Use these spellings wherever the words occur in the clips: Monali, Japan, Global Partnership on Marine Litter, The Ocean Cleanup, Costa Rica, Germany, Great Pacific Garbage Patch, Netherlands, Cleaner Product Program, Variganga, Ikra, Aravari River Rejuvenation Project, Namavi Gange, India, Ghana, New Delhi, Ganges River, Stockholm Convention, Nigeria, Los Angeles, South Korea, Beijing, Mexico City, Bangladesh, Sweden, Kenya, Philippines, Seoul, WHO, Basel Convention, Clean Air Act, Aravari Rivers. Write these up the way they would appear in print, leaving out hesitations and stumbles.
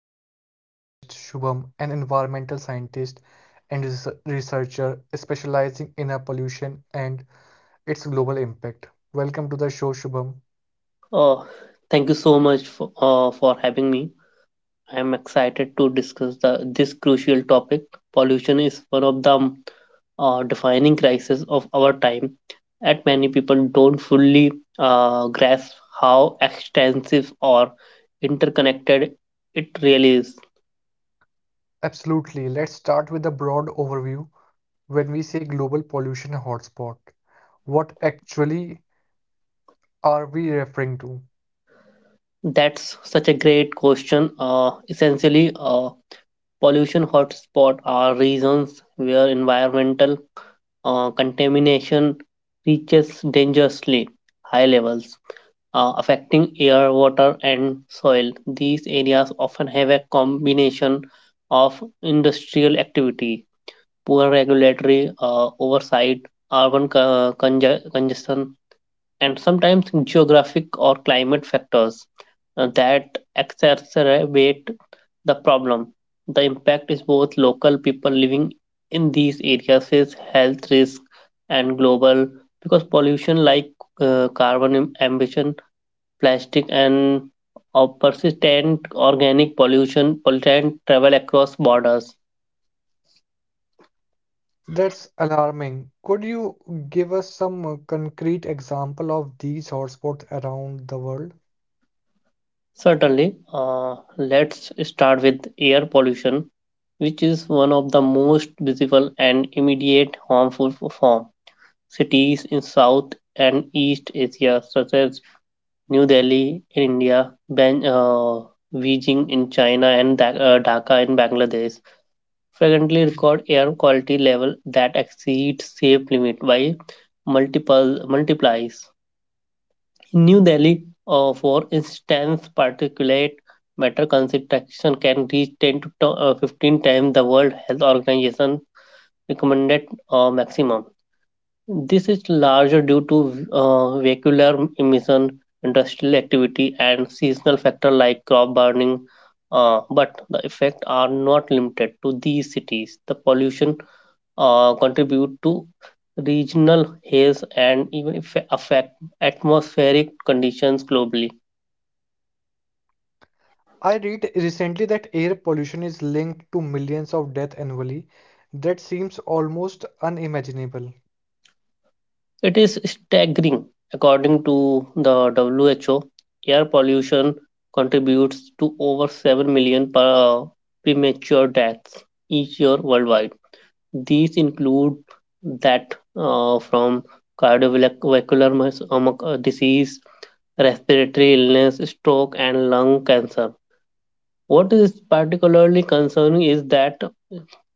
a very special guest, Shubham, an environmental scientist and researcher specializing in air pollution and its global impact. Welcome to the show, Shubham. Oh, thank you so much for having me. I am excited to discuss this crucial topic. Pollution is one of the defining crises of our time, and many people don't fully grasp how extensive or interconnected it really is. Absolutely. Let's start with a broad overview. When we say global pollution hotspot, what actually are we referring to? That's such a great question. Essentially, pollution hotspots are regions where environmental contamination reaches dangerously high levels, affecting air, water, and soil. These areas often have a combination of industrial activity, poor regulatory oversight, urban congestion, and sometimes geographic or climate factors that exacerbate the problem. The impact is both local people living in these areas face health risk and global because pollution like carbon emission, plastic, and persistent organic pollution pollutant travel across borders. That's alarming. Could you give us some concrete example of these hotspots around the world? Certainly, let's start with air pollution, which is one of the most visible and immediate harmful form. Cities in South and East Asia, such as New Delhi in India, Beijing in China, and Dhaka in Bangladesh, frequently record air quality level that exceeds safe limit by multiple multiplies. In New Delhi, for instance, particulate matter concentration can reach 10 to 15 times the World Health Organization recommended maximum. This is larger due to vehicular emission, industrial activity, and seasonal factor like crop burning. But the effects are not limited to these cities. The pollution contribute to regional haze and even affect atmospheric conditions globally. I read recently that air pollution is linked to millions of deaths annually. That seems almost unimaginable. It is staggering. According to the WHO, air pollution contributes to over 7 million premature deaths each year worldwide. These include that from cardiovascular disease, respiratory illness, stroke, and lung cancer. What is particularly concerning is that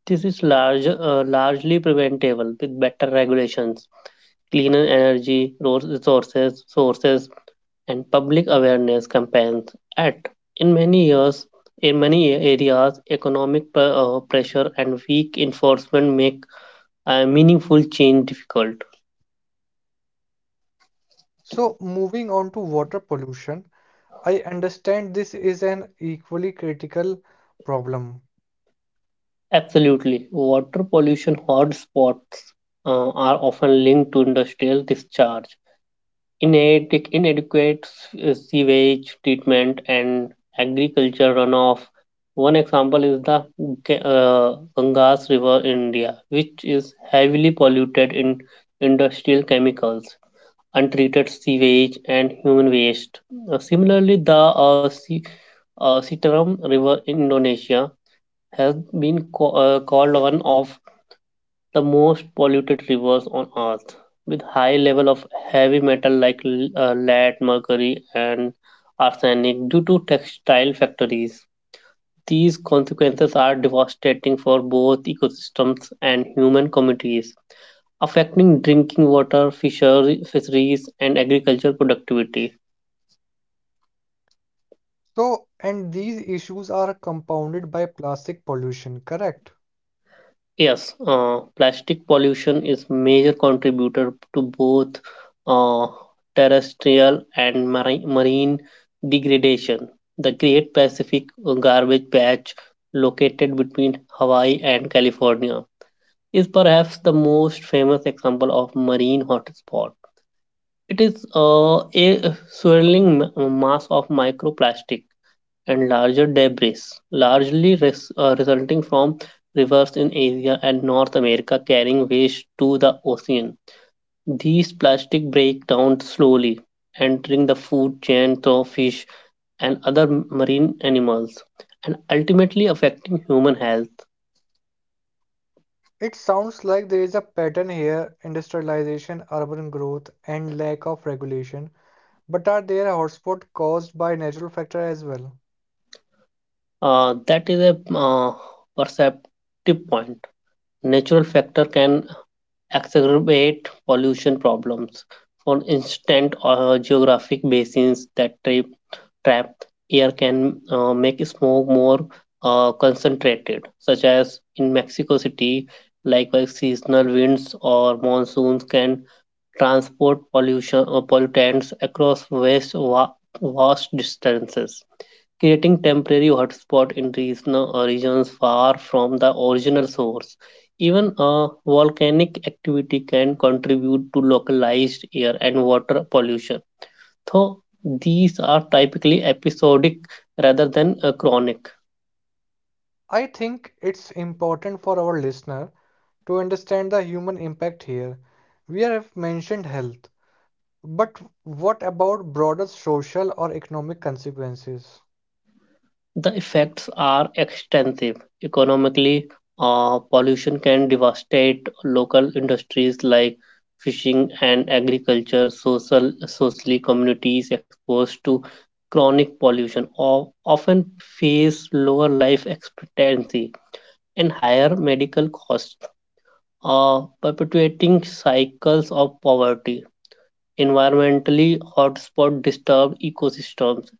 this is largely preventable with better regulations cleaner energy sources, and public awareness campaigns at. In many years, in many areas, economic pressure and weak enforcement make meaningful change difficult. So, moving on to water pollution, I understand this is an equally critical problem. Absolutely, water pollution hotspots are often linked to industrial discharge inadequate sewage treatment and agriculture runoff. One example is the Ga- uh, Ganges River in India, which is heavily polluted in industrial chemicals, untreated sewage, and human waste. Similarly, the uh, Si- Sitaram River in Indonesia has been called one of the most polluted rivers on earth with high level of heavy metal like lead mercury and arsenic due to textile factories. These consequences are devastating for both ecosystems and human communities affecting drinking water fisheries and agricultural productivity. So, and these issues are compounded by plastic pollution, correct? Yes, plastic pollution is major contributor to both uh, terrestrial and marine degradation. The Great Pacific Garbage Patch, located between Hawaii and California, is perhaps the most famous example of marine hotspot. It is a swirling mass of microplastic and larger debris, largely resulting from rivers in Asia and North America carrying waste to the ocean. These plastic break down slowly, entering the food chain through fish and other marine animals, and ultimately affecting human health. It sounds like there is a pattern here: industrialization, urban growth, and lack of regulation. But are there hotspots caused by natural factor as well? That is a perceptive point. Natural factor can exacerbate pollution problems. For instance, geographic basins that trapped air can make smoke more concentrated, such as in Mexico City. Likewise, seasonal winds or monsoons can transport pollution or pollutants across vast distances, creating temporary hotspots in regions far from the original source. Even volcanic activity can contribute to localized air and water pollution, so these are typically episodic rather than chronic. I think it's important for our listener to understand the human impact here. We have mentioned health, but what about broader social or economic consequences? The effects are extensive. Economically, pollution can devastate local industries like fishing and agriculture. Socially, communities exposed to chronic pollution of, often face lower life expectancy and higher medical costs, perpetuating cycles of poverty. Environmentally, hotspots disturb ecosystems,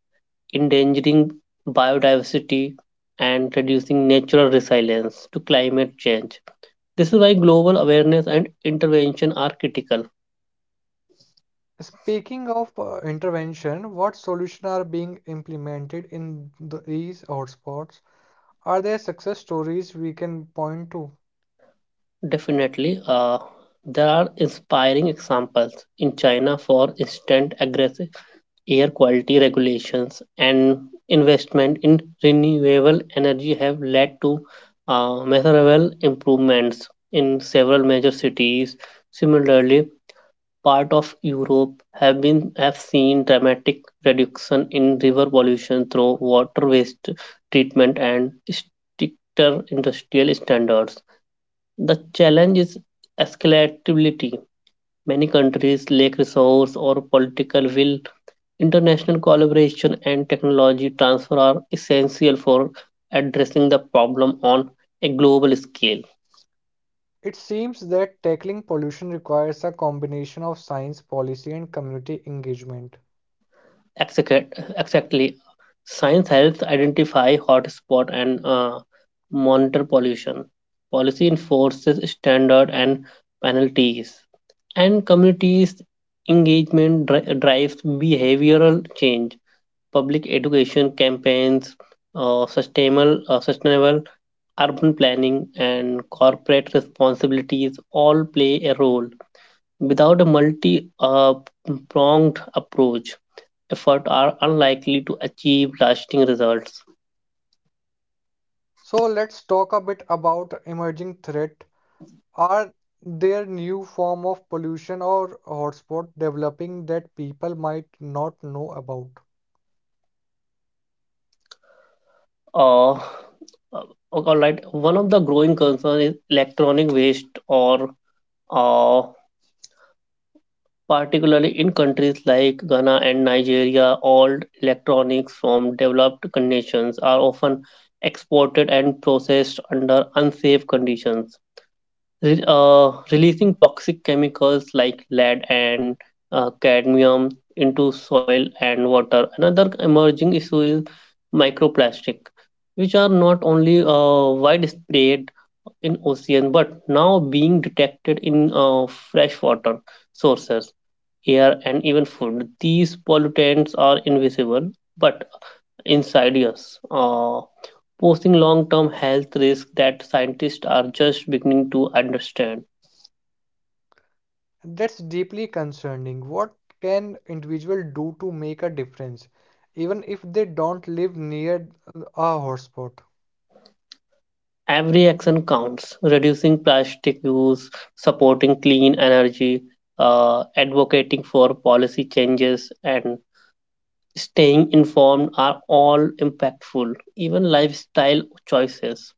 endangering biodiversity and reducing natural resilience to climate change. This is why global awareness and intervention are critical. Speaking of intervention, what solutions are being implemented in these hotspots? Are there success stories we can point to? Definitely, there are inspiring examples in China, for instance, aggressive air quality regulations and investment in renewable energy have led to measurable improvements in several major cities. Similarly, part of Europe have seen dramatic reduction in river pollution through water waste treatment and stricter industrial standards. The challenge is escalability. Many countries lack resource or political will. International collaboration and technology transfer are essential for addressing the problem on a global scale. It seems that tackling pollution requires a combination of science, policy, and community engagement. Exactly. Science helps identify hotspots and monitor pollution. Policy enforces standards and penalties. And communities' engagement drives behavioral change. Public education campaigns, sustainable urban planning and corporate responsibilities all play a role. Without a multi pronged approach, efforts are unlikely to achieve lasting results. So let's talk a bit about emerging threat. Are there new form of pollution or hotspot developing that people might not know about? Uh, uh, all right, one of the growing concerns is electronic waste, or uh, particularly in countries like Ghana and Nigeria, all electronics from developed nations are often exported and processed under unsafe conditions releasing toxic chemicals like lead and cadmium into soil and water. Another emerging issue is microplastic, which are not only widespread in ocean but now being detected in freshwater sources, air, and even food. These pollutants are invisible but inside us. Posing long-term health risks that scientists are just beginning to understand. That's deeply concerning. What can individual do to make a difference, even if they don't live near a hotspot? Every action counts, reducing plastic use, supporting clean energy, advocating for policy changes, and staying informed are all impactful. Even lifestyle choices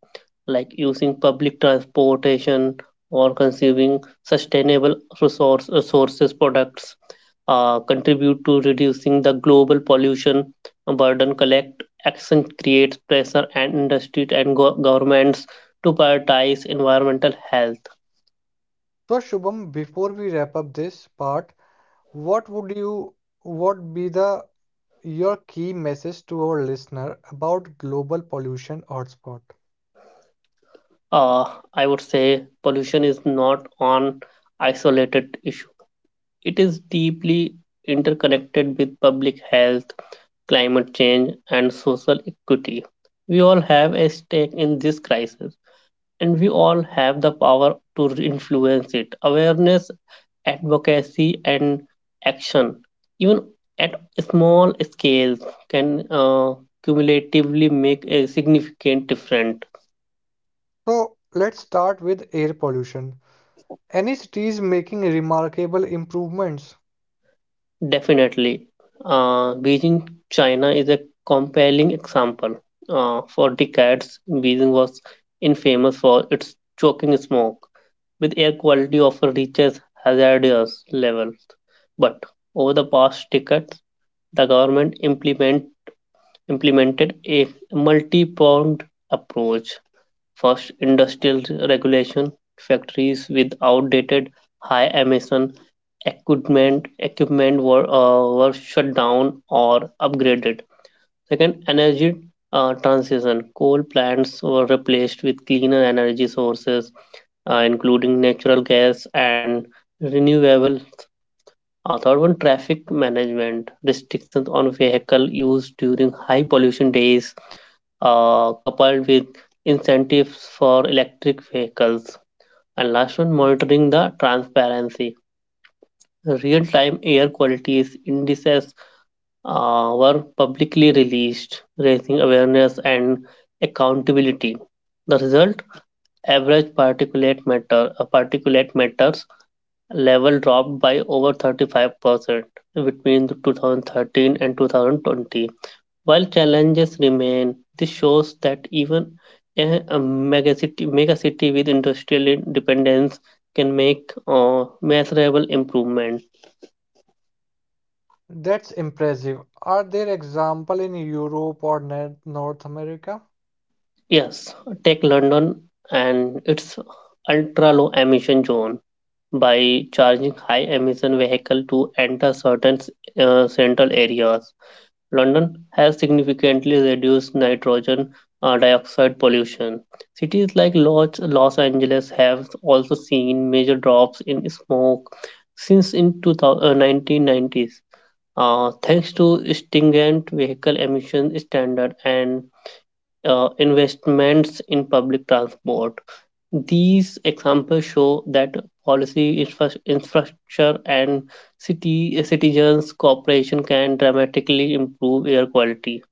like using public transportation or consuming sustainable resources products contribute to reducing the global pollution burden. Collect action creates pressure and industry and governments to prioritize environmental health. So Shubham, before we wrap up this part, what would you what be the your key message to our listener about global pollution hotspot? uh, I would say pollution is not an isolated issue. It is deeply interconnected with public health climate change, and social equity. We all have a stake in this crisis, and we all have the power to influence it. Awareness, advocacy, and action, even at small scales, can cumulatively make a significant difference. So let's start with air pollution. Any cities making remarkable improvements? Definitely. Beijing, China is a compelling example. For decades, Beijing was infamous for its choking smoke, with air quality often reaches hazardous levels. But over the past decades, the government implemented a multi-pronged approach. First, industrial regulation, factories with outdated high emission equipment were shut down or upgraded. Second, energy transition. Coal plants were replaced with cleaner energy sources, including natural gas and renewable. Third one, traffic management. Restrictions on vehicle use during high pollution days, coupled with incentives for electric vehicles. And last one, monitoring the transparency real-time air quality indices were publicly released, raising awareness and accountability. The result: average particulate matters level dropped by over 35% between 2013 and 2020. While challenges remain, this shows that even a megacity with industrial dependence can make measurable improvements. That's impressive. Are there example in Europe or North America? Yes, take London and its ultra low emission zone by charging high emission vehicle to enter certain central areas. London has significantly reduced nitrogen dioxide pollution. Cities like Los Angeles have also seen major drops in smoke since in 1990s. Thanks to stringent vehicle emission standard and investments in public transport. These examples show that policy, infrastructure, and city citizens' cooperation can dramatically improve air quality.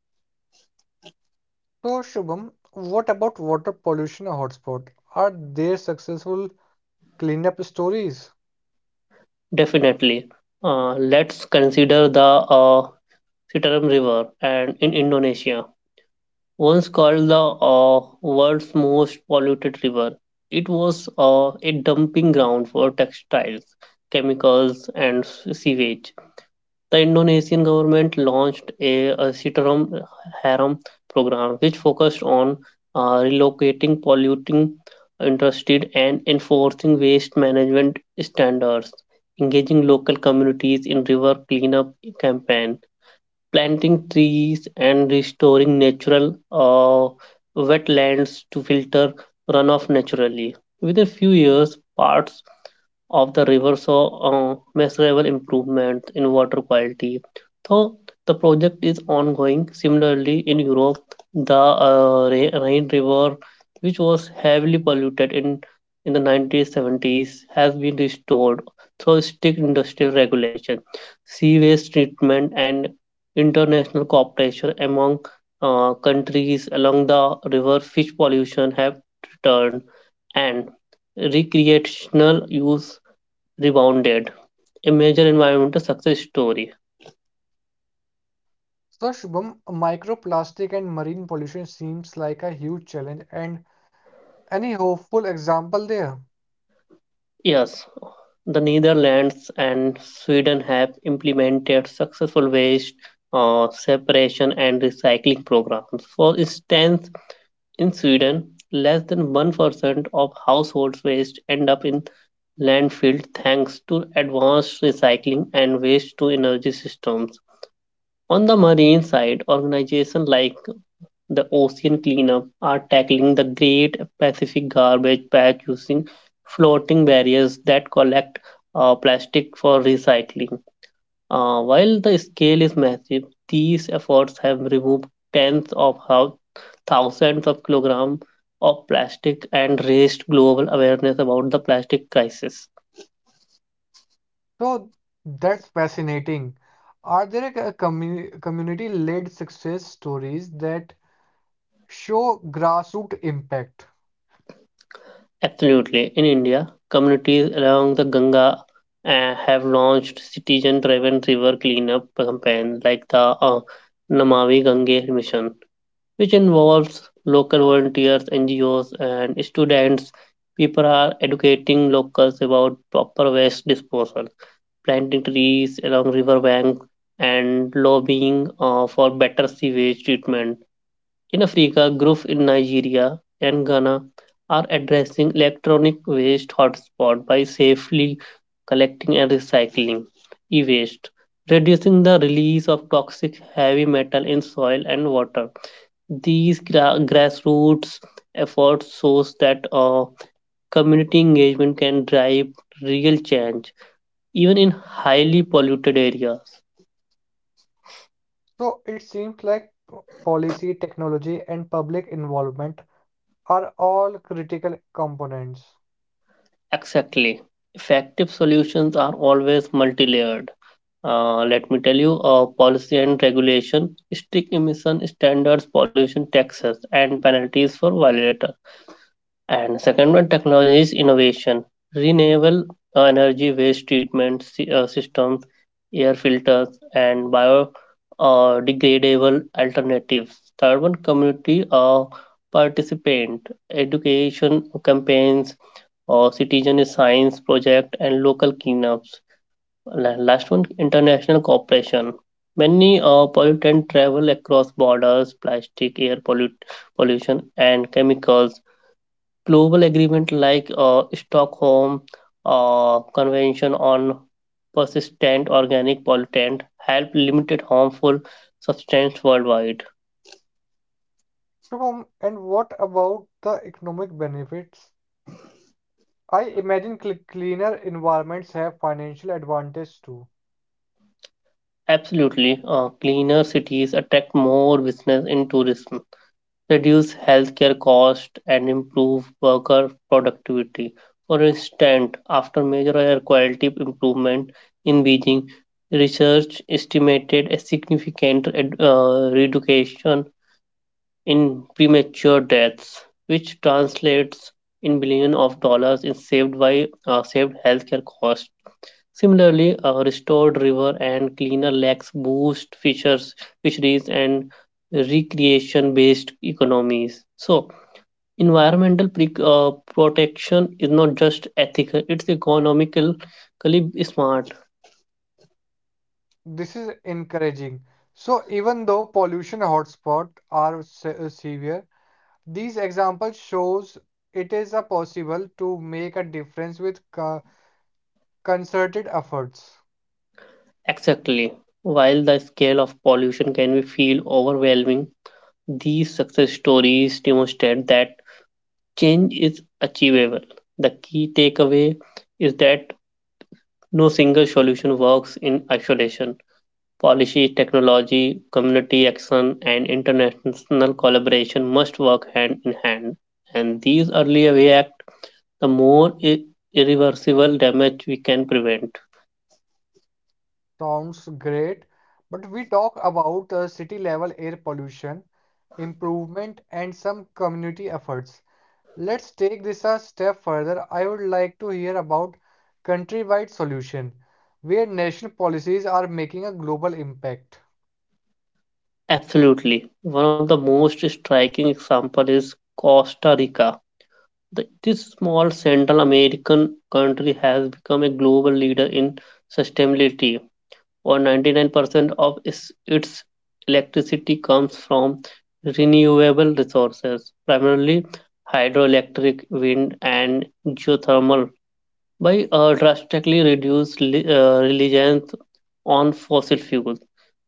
So Shubham, what about water pollution hotspot? Are there successful cleanup stories? Definitely. Let's consider the Citarum River and in Indonesia, once called the world's most polluted river. It was a dumping ground for textiles, chemicals, and sewage. The Indonesian government launched a Sitaram Haram program, which focused on uh, relocating polluting industries and enforcing waste management standards, engaging local communities in river cleanup campaign, planting trees and restoring natural wetlands to filter runoff naturally. Within a few years, parts of the river saw measurable improvement in water quality. So the project is ongoing, similarly in Europe, the Rhine River, which was heavily polluted in the 1970s, has been restored through strict industrial regulation, sea waste treatment, and international cooperation among countries along the river. Fish pollution have returned, and recreational use Rebounded, a major environmental success story. So Shubham, microplastic and marine pollution seems like a huge challenge, and any hopeful example there. Yes, the Netherlands and Sweden have implemented successful waste separation and recycling programs. For instance, in Sweden, less than 1% of household waste end up in landfill thanks to advanced recycling and waste to energy systems. On the marine side, organizations like the ocean cleanup are tackling the Great Pacific Garbage Patch using floating barriers that collect plastic for recycling. While the scale is massive, these efforts have removed tens of thousands of kilograms of plastic and raised global awareness about the plastic crisis. So that's fascinating. Are there a community-led success stories that show grassroots impact? Absolutely. In India, communities along the Ganga have launched citizen driven river cleanup campaigns like the uh, Namavi Gange mission, which involves local volunteers, NGOs, and students. People are educating locals about proper waste disposal, planting trees along river banks, and lobbying for better sewage treatment in Africa, groups in Nigeria and Ghana are addressing electronic waste hotspot by safely collecting and recycling e-waste, reducing the release of toxic heavy metal in soil and water. Grassroots efforts shows that community engagement can drive real change, even in highly polluted areas. So it seems like policy, technology, and public involvement are all critical components. Exactly. Effective solutions are always multi-layered. Let me tell you, policy and regulation, strict emission standards, pollution taxes, and penalties for violator. And second one, technologies innovation, renewable energy waste treatment systems, air filters, and bio degradable alternatives. Third one, community participant, education campaigns, or citizen science project, and local cleanups. Last one, international cooperation. Many pollutants travel across borders, plastic, pollution, and chemicals. Global agreement like Stockholm Convention on Persistent Organic Pollutant help limit harmful substances worldwide. Shubham, and what about the economic benefits? I imagine cleaner environments have financial advantage too. Absolutely, cleaner cities attract more business and tourism. Reduce healthcare costs, and improve worker productivity. For instance, after major air quality improvement in Beijing, research estimated a significant reduction in premature deaths, which translates in billions of dollars in saved by saved healthcare costs. Similarly, restored river and cleaner lakes boost fishers, fisheries and recreation based economies. So, environmental protection is not just ethical, it's economically smart. This is encouraging. So even though pollution hotspots are severe, these examples shows it is a possible to make a difference with concerted efforts. Exactly. While the scale of pollution can be feel overwhelming, these success stories demonstrate that change is achievable. The key takeaway is that no single solution works in isolation. Policy, technology, community action, and international collaboration must work hand in hand. And these early react the more irreversible damage we can prevent. Sounds great, but we talk about city level air pollution improvement and some community efforts. Let's take this a step further. I would like to hear about countrywide solution where national policies are making a global impact. Absolutely. One of the most striking examples is Costa Rica. This small Central American country has become a global leader in sustainability. Over 99% of its electricity comes from renewable resources, primarily hydroelectric, wind, and geothermal by drastically reduce reliance on fossil fuels.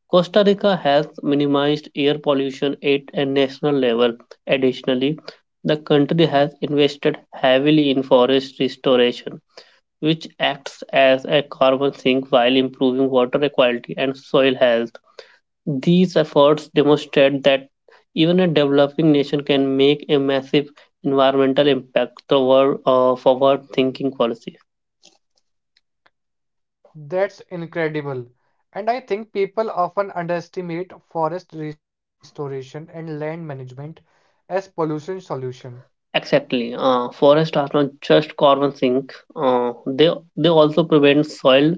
Costa Rica has minimized air pollution at a national level. Additionally, the country has invested heavily in forest restoration, which acts as a carbon sink while improving water quality and soil health. These efforts demonstrate that even a developing nation can make a massive environmental impact through forward thinking policy. That's incredible. And I think people often underestimate forest restoration and land management as pollution solution. Exactly. Forests are not just carbon sink. Uh, they they also prevent soil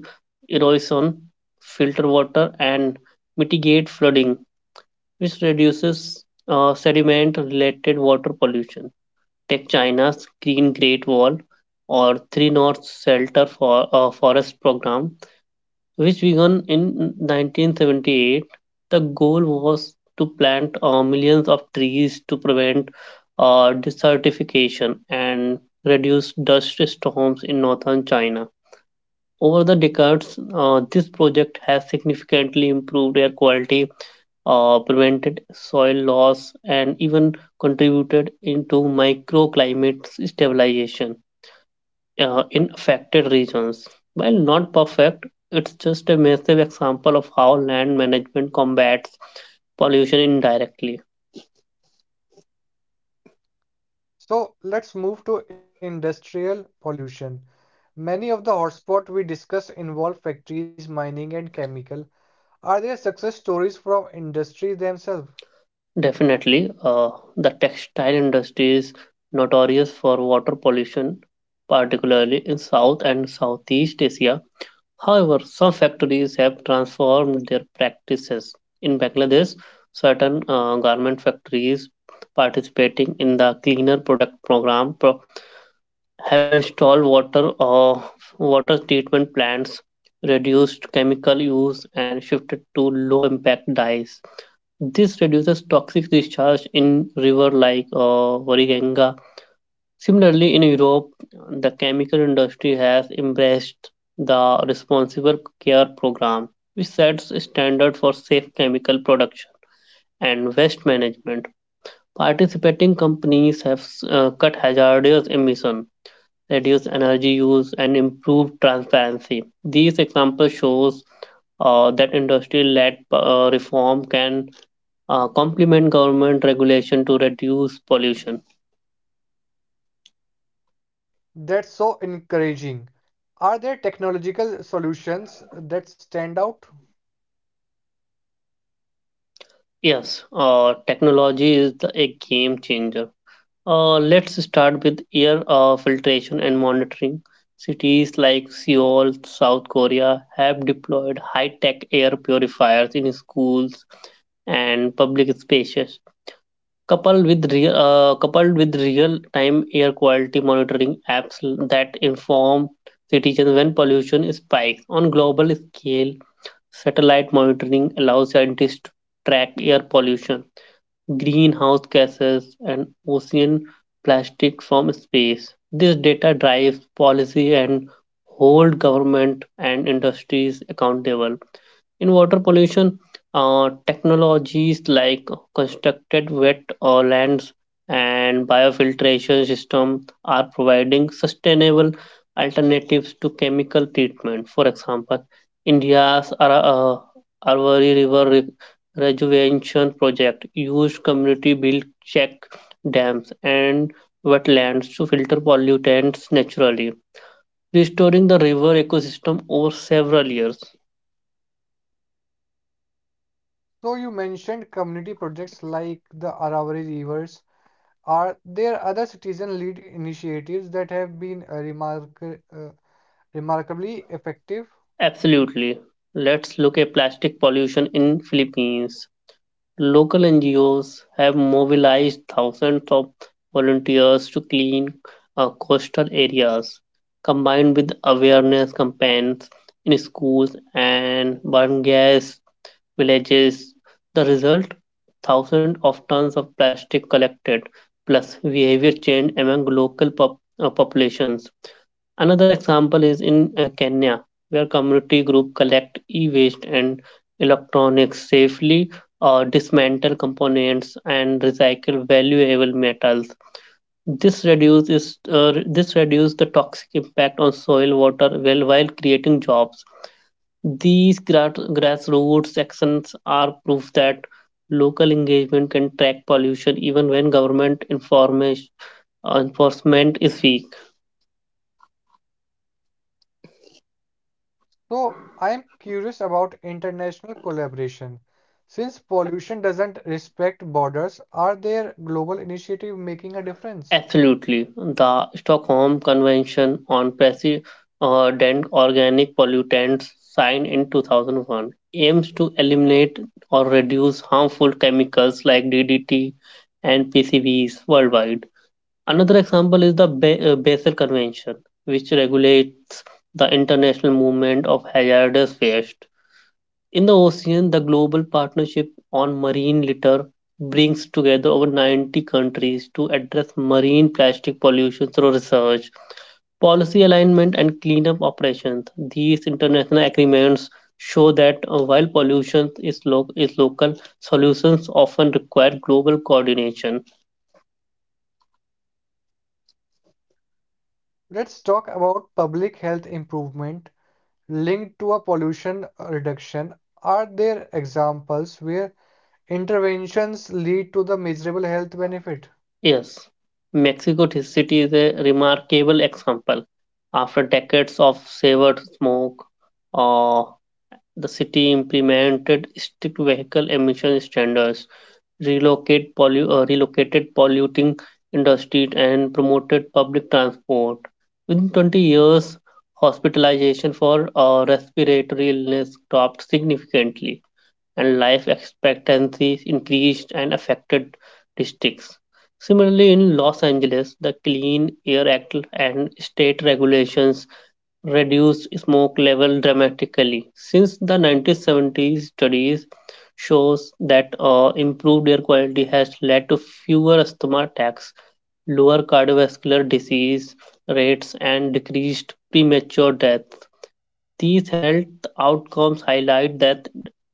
erosion, filter water, and mitigate flooding, which reduces sediment-related water pollution. Take China's Green Great Wall or Three North Shelter for Forest program, which began in 1978. The goal was to plant millions of trees to prevent desertification and reduce dust storms in northern China. Over the decades, this project has significantly improved air quality, prevented soil loss, and even contributed into microclimate stabilization in affected regions. While not perfect, it's just a massive example of how land management combats pollution indirectly. So let's move to industrial pollution. Many of the hotspots we discussed involve factories, mining, and chemical. Are there success stories from industries themselves? Definitely, the textile industry is notorious for water pollution, particularly in South and Southeast Asia. However, some factories have transformed their practices. In Bangladesh, certain garment factories participating in the Cleaner Product Program have installed water or water treatment plants, reduced chemical use, and shifted to low impact dyes. This reduces toxic discharge in river like Variganga. Similarly, in Europe, the chemical industry has embraced the responsible care program, which sets standard for safe chemical production and waste management. Participating companies have cut hazardous emission reduce energy use, and improve transparency. These examples shows that industry-led reform can complement government regulation to reduce pollution. That's so encouraging. Are there technological solutions that stand out? Yes, technology is a game changer. Let's start with air filtration and monitoring. Cities like Seoul, South Korea have deployed high tech air purifiers in schools and public spaces. Coupled with real-time air quality monitoring apps that inform citizens when pollution spikes on global scale, satellite monitoring allows scientists to track air pollution, greenhouse gases, and ocean plastic from space. This data drives policy and hold government and industries accountable. In water pollution, technologies like constructed wet lands and biofiltration system are providing sustainable alternatives to chemical treatment. For example, India's Ara- uh, Aravari River Re- Rejuvenation Project used community-built check dams and wetlands to filter pollutants naturally, restoring the river ecosystem over several years. So you mentioned community projects like the Aravari Rivers. Are there other citizen lead initiatives that have been remarkably effective? Absolutely. Let's look at plastic pollution in Philippines. Local NGOs have mobilized thousands of volunteers to clean coastal areas, combined with awareness campaigns in schools and barangays, villages. The result? Thousands of tons of plastic collected, plus behavior change among local populations. Another example is in Kenya, where community group collect e-waste and electronics safely, or dismantle components and recycle valuable metals. This reduces the toxic impact on soil water while creating jobs. These gra- grassroots actions are proof that local engagement can track pollution even when government enforcement is weak. So I am curious about international collaboration. Since pollution doesn't respect borders, are there global initiatives making a difference? Absolutely. The Stockholm Convention on President Organic Pollutants, signed in 2001, aims to eliminate or reduce harmful chemicals like DDT and PCBs worldwide. Another example is the Basel Convention, which regulates the international movement of hazardous waste. In the ocean, the Global Partnership on Marine Litter brings together over 90 countries to address marine plastic pollution through research, policy alignment, and cleanup operations. These international agreements show that while pollution is, is local, solutions often require global coordination. Let's talk about public health improvement linked to a pollution reduction. Are there examples where interventions lead to the measurable health benefit? Yes, Mexico City is a remarkable example. After decades of severed smoke, uh, the city implemented strict vehicle emission standards, relocated polluting industries, and promoted public transport. Within 20 years, hospitalization for respiratory illness dropped significantly, and life expectancy increased in affected districts. Similarly, in Los Angeles, the Clean Air Act and state regulations reduced smoke level dramatically. Since the 1970s, studies shows that improved air quality has led to fewer asthma attacks, lower cardiovascular disease rates, and decreased premature death. These health outcomes highlight that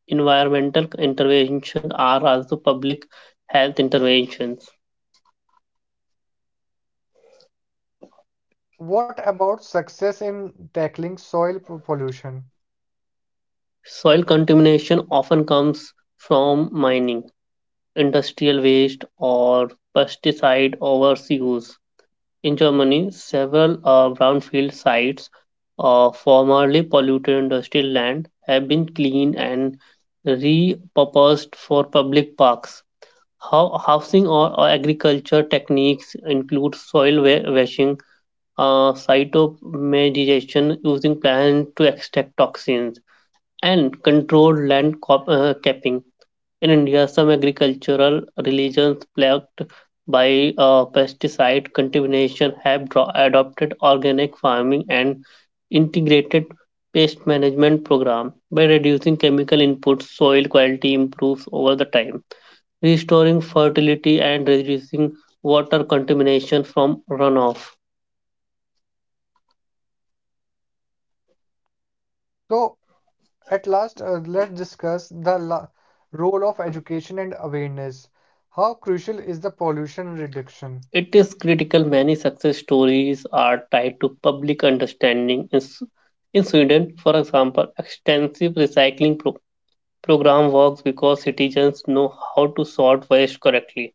environmental interventions are also public health interventions. What about success in tackling soil pollution? Soil contamination often comes from mining industrial waste or pesticide overuse. In Germany, several brownfield sites of formerly polluted industrial land have been cleaned and repurposed for public parks. How, housing or agriculture techniques include washing, cytomedization using plants to extract toxins, and controlled capping. In India, some agricultural religions plagued by pesticide contamination have adopted organic farming and integrated pest management program. By reducing chemical inputs, soil quality improves over the time, restoring fertility and reducing water contamination from runoff. So, at last, let's discuss the role of education and awareness. How crucial is the pollution reduction? It is critical many success stories are tied to public understanding. In Sweden, for example, extensive recycling program works because citizens know how to sort waste correctly.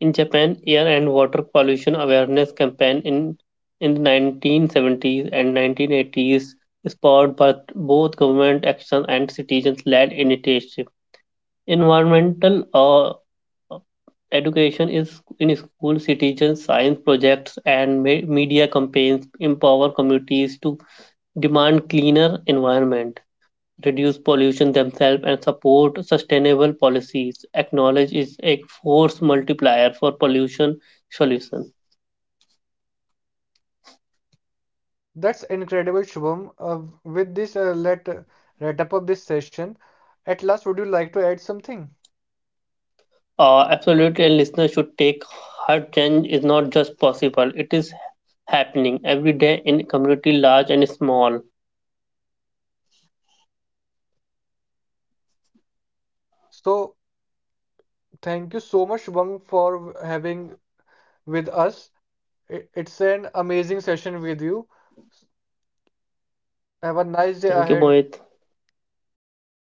In Japan, air and water pollution awareness campaign in the 1970s and 1980s spurred by both government action and citizens-led initiative. Environmental uh, education is in school, citizen science projects, and media campaigns empower communities to demand cleaner environment reduce pollution themselves, and support sustainable policies. Acknowledge is a force multiplier for pollution solution. That's incredible, Shubham. With this, let wrap up this session. At last, would you like to add something? Absolutely, and listeners should take heart change is not just possible, it is happening every day in community large and small. So, thank you so much, Wang, for having with us. It's an amazing session with you. Have a nice day Thank you, ahead. Mohit.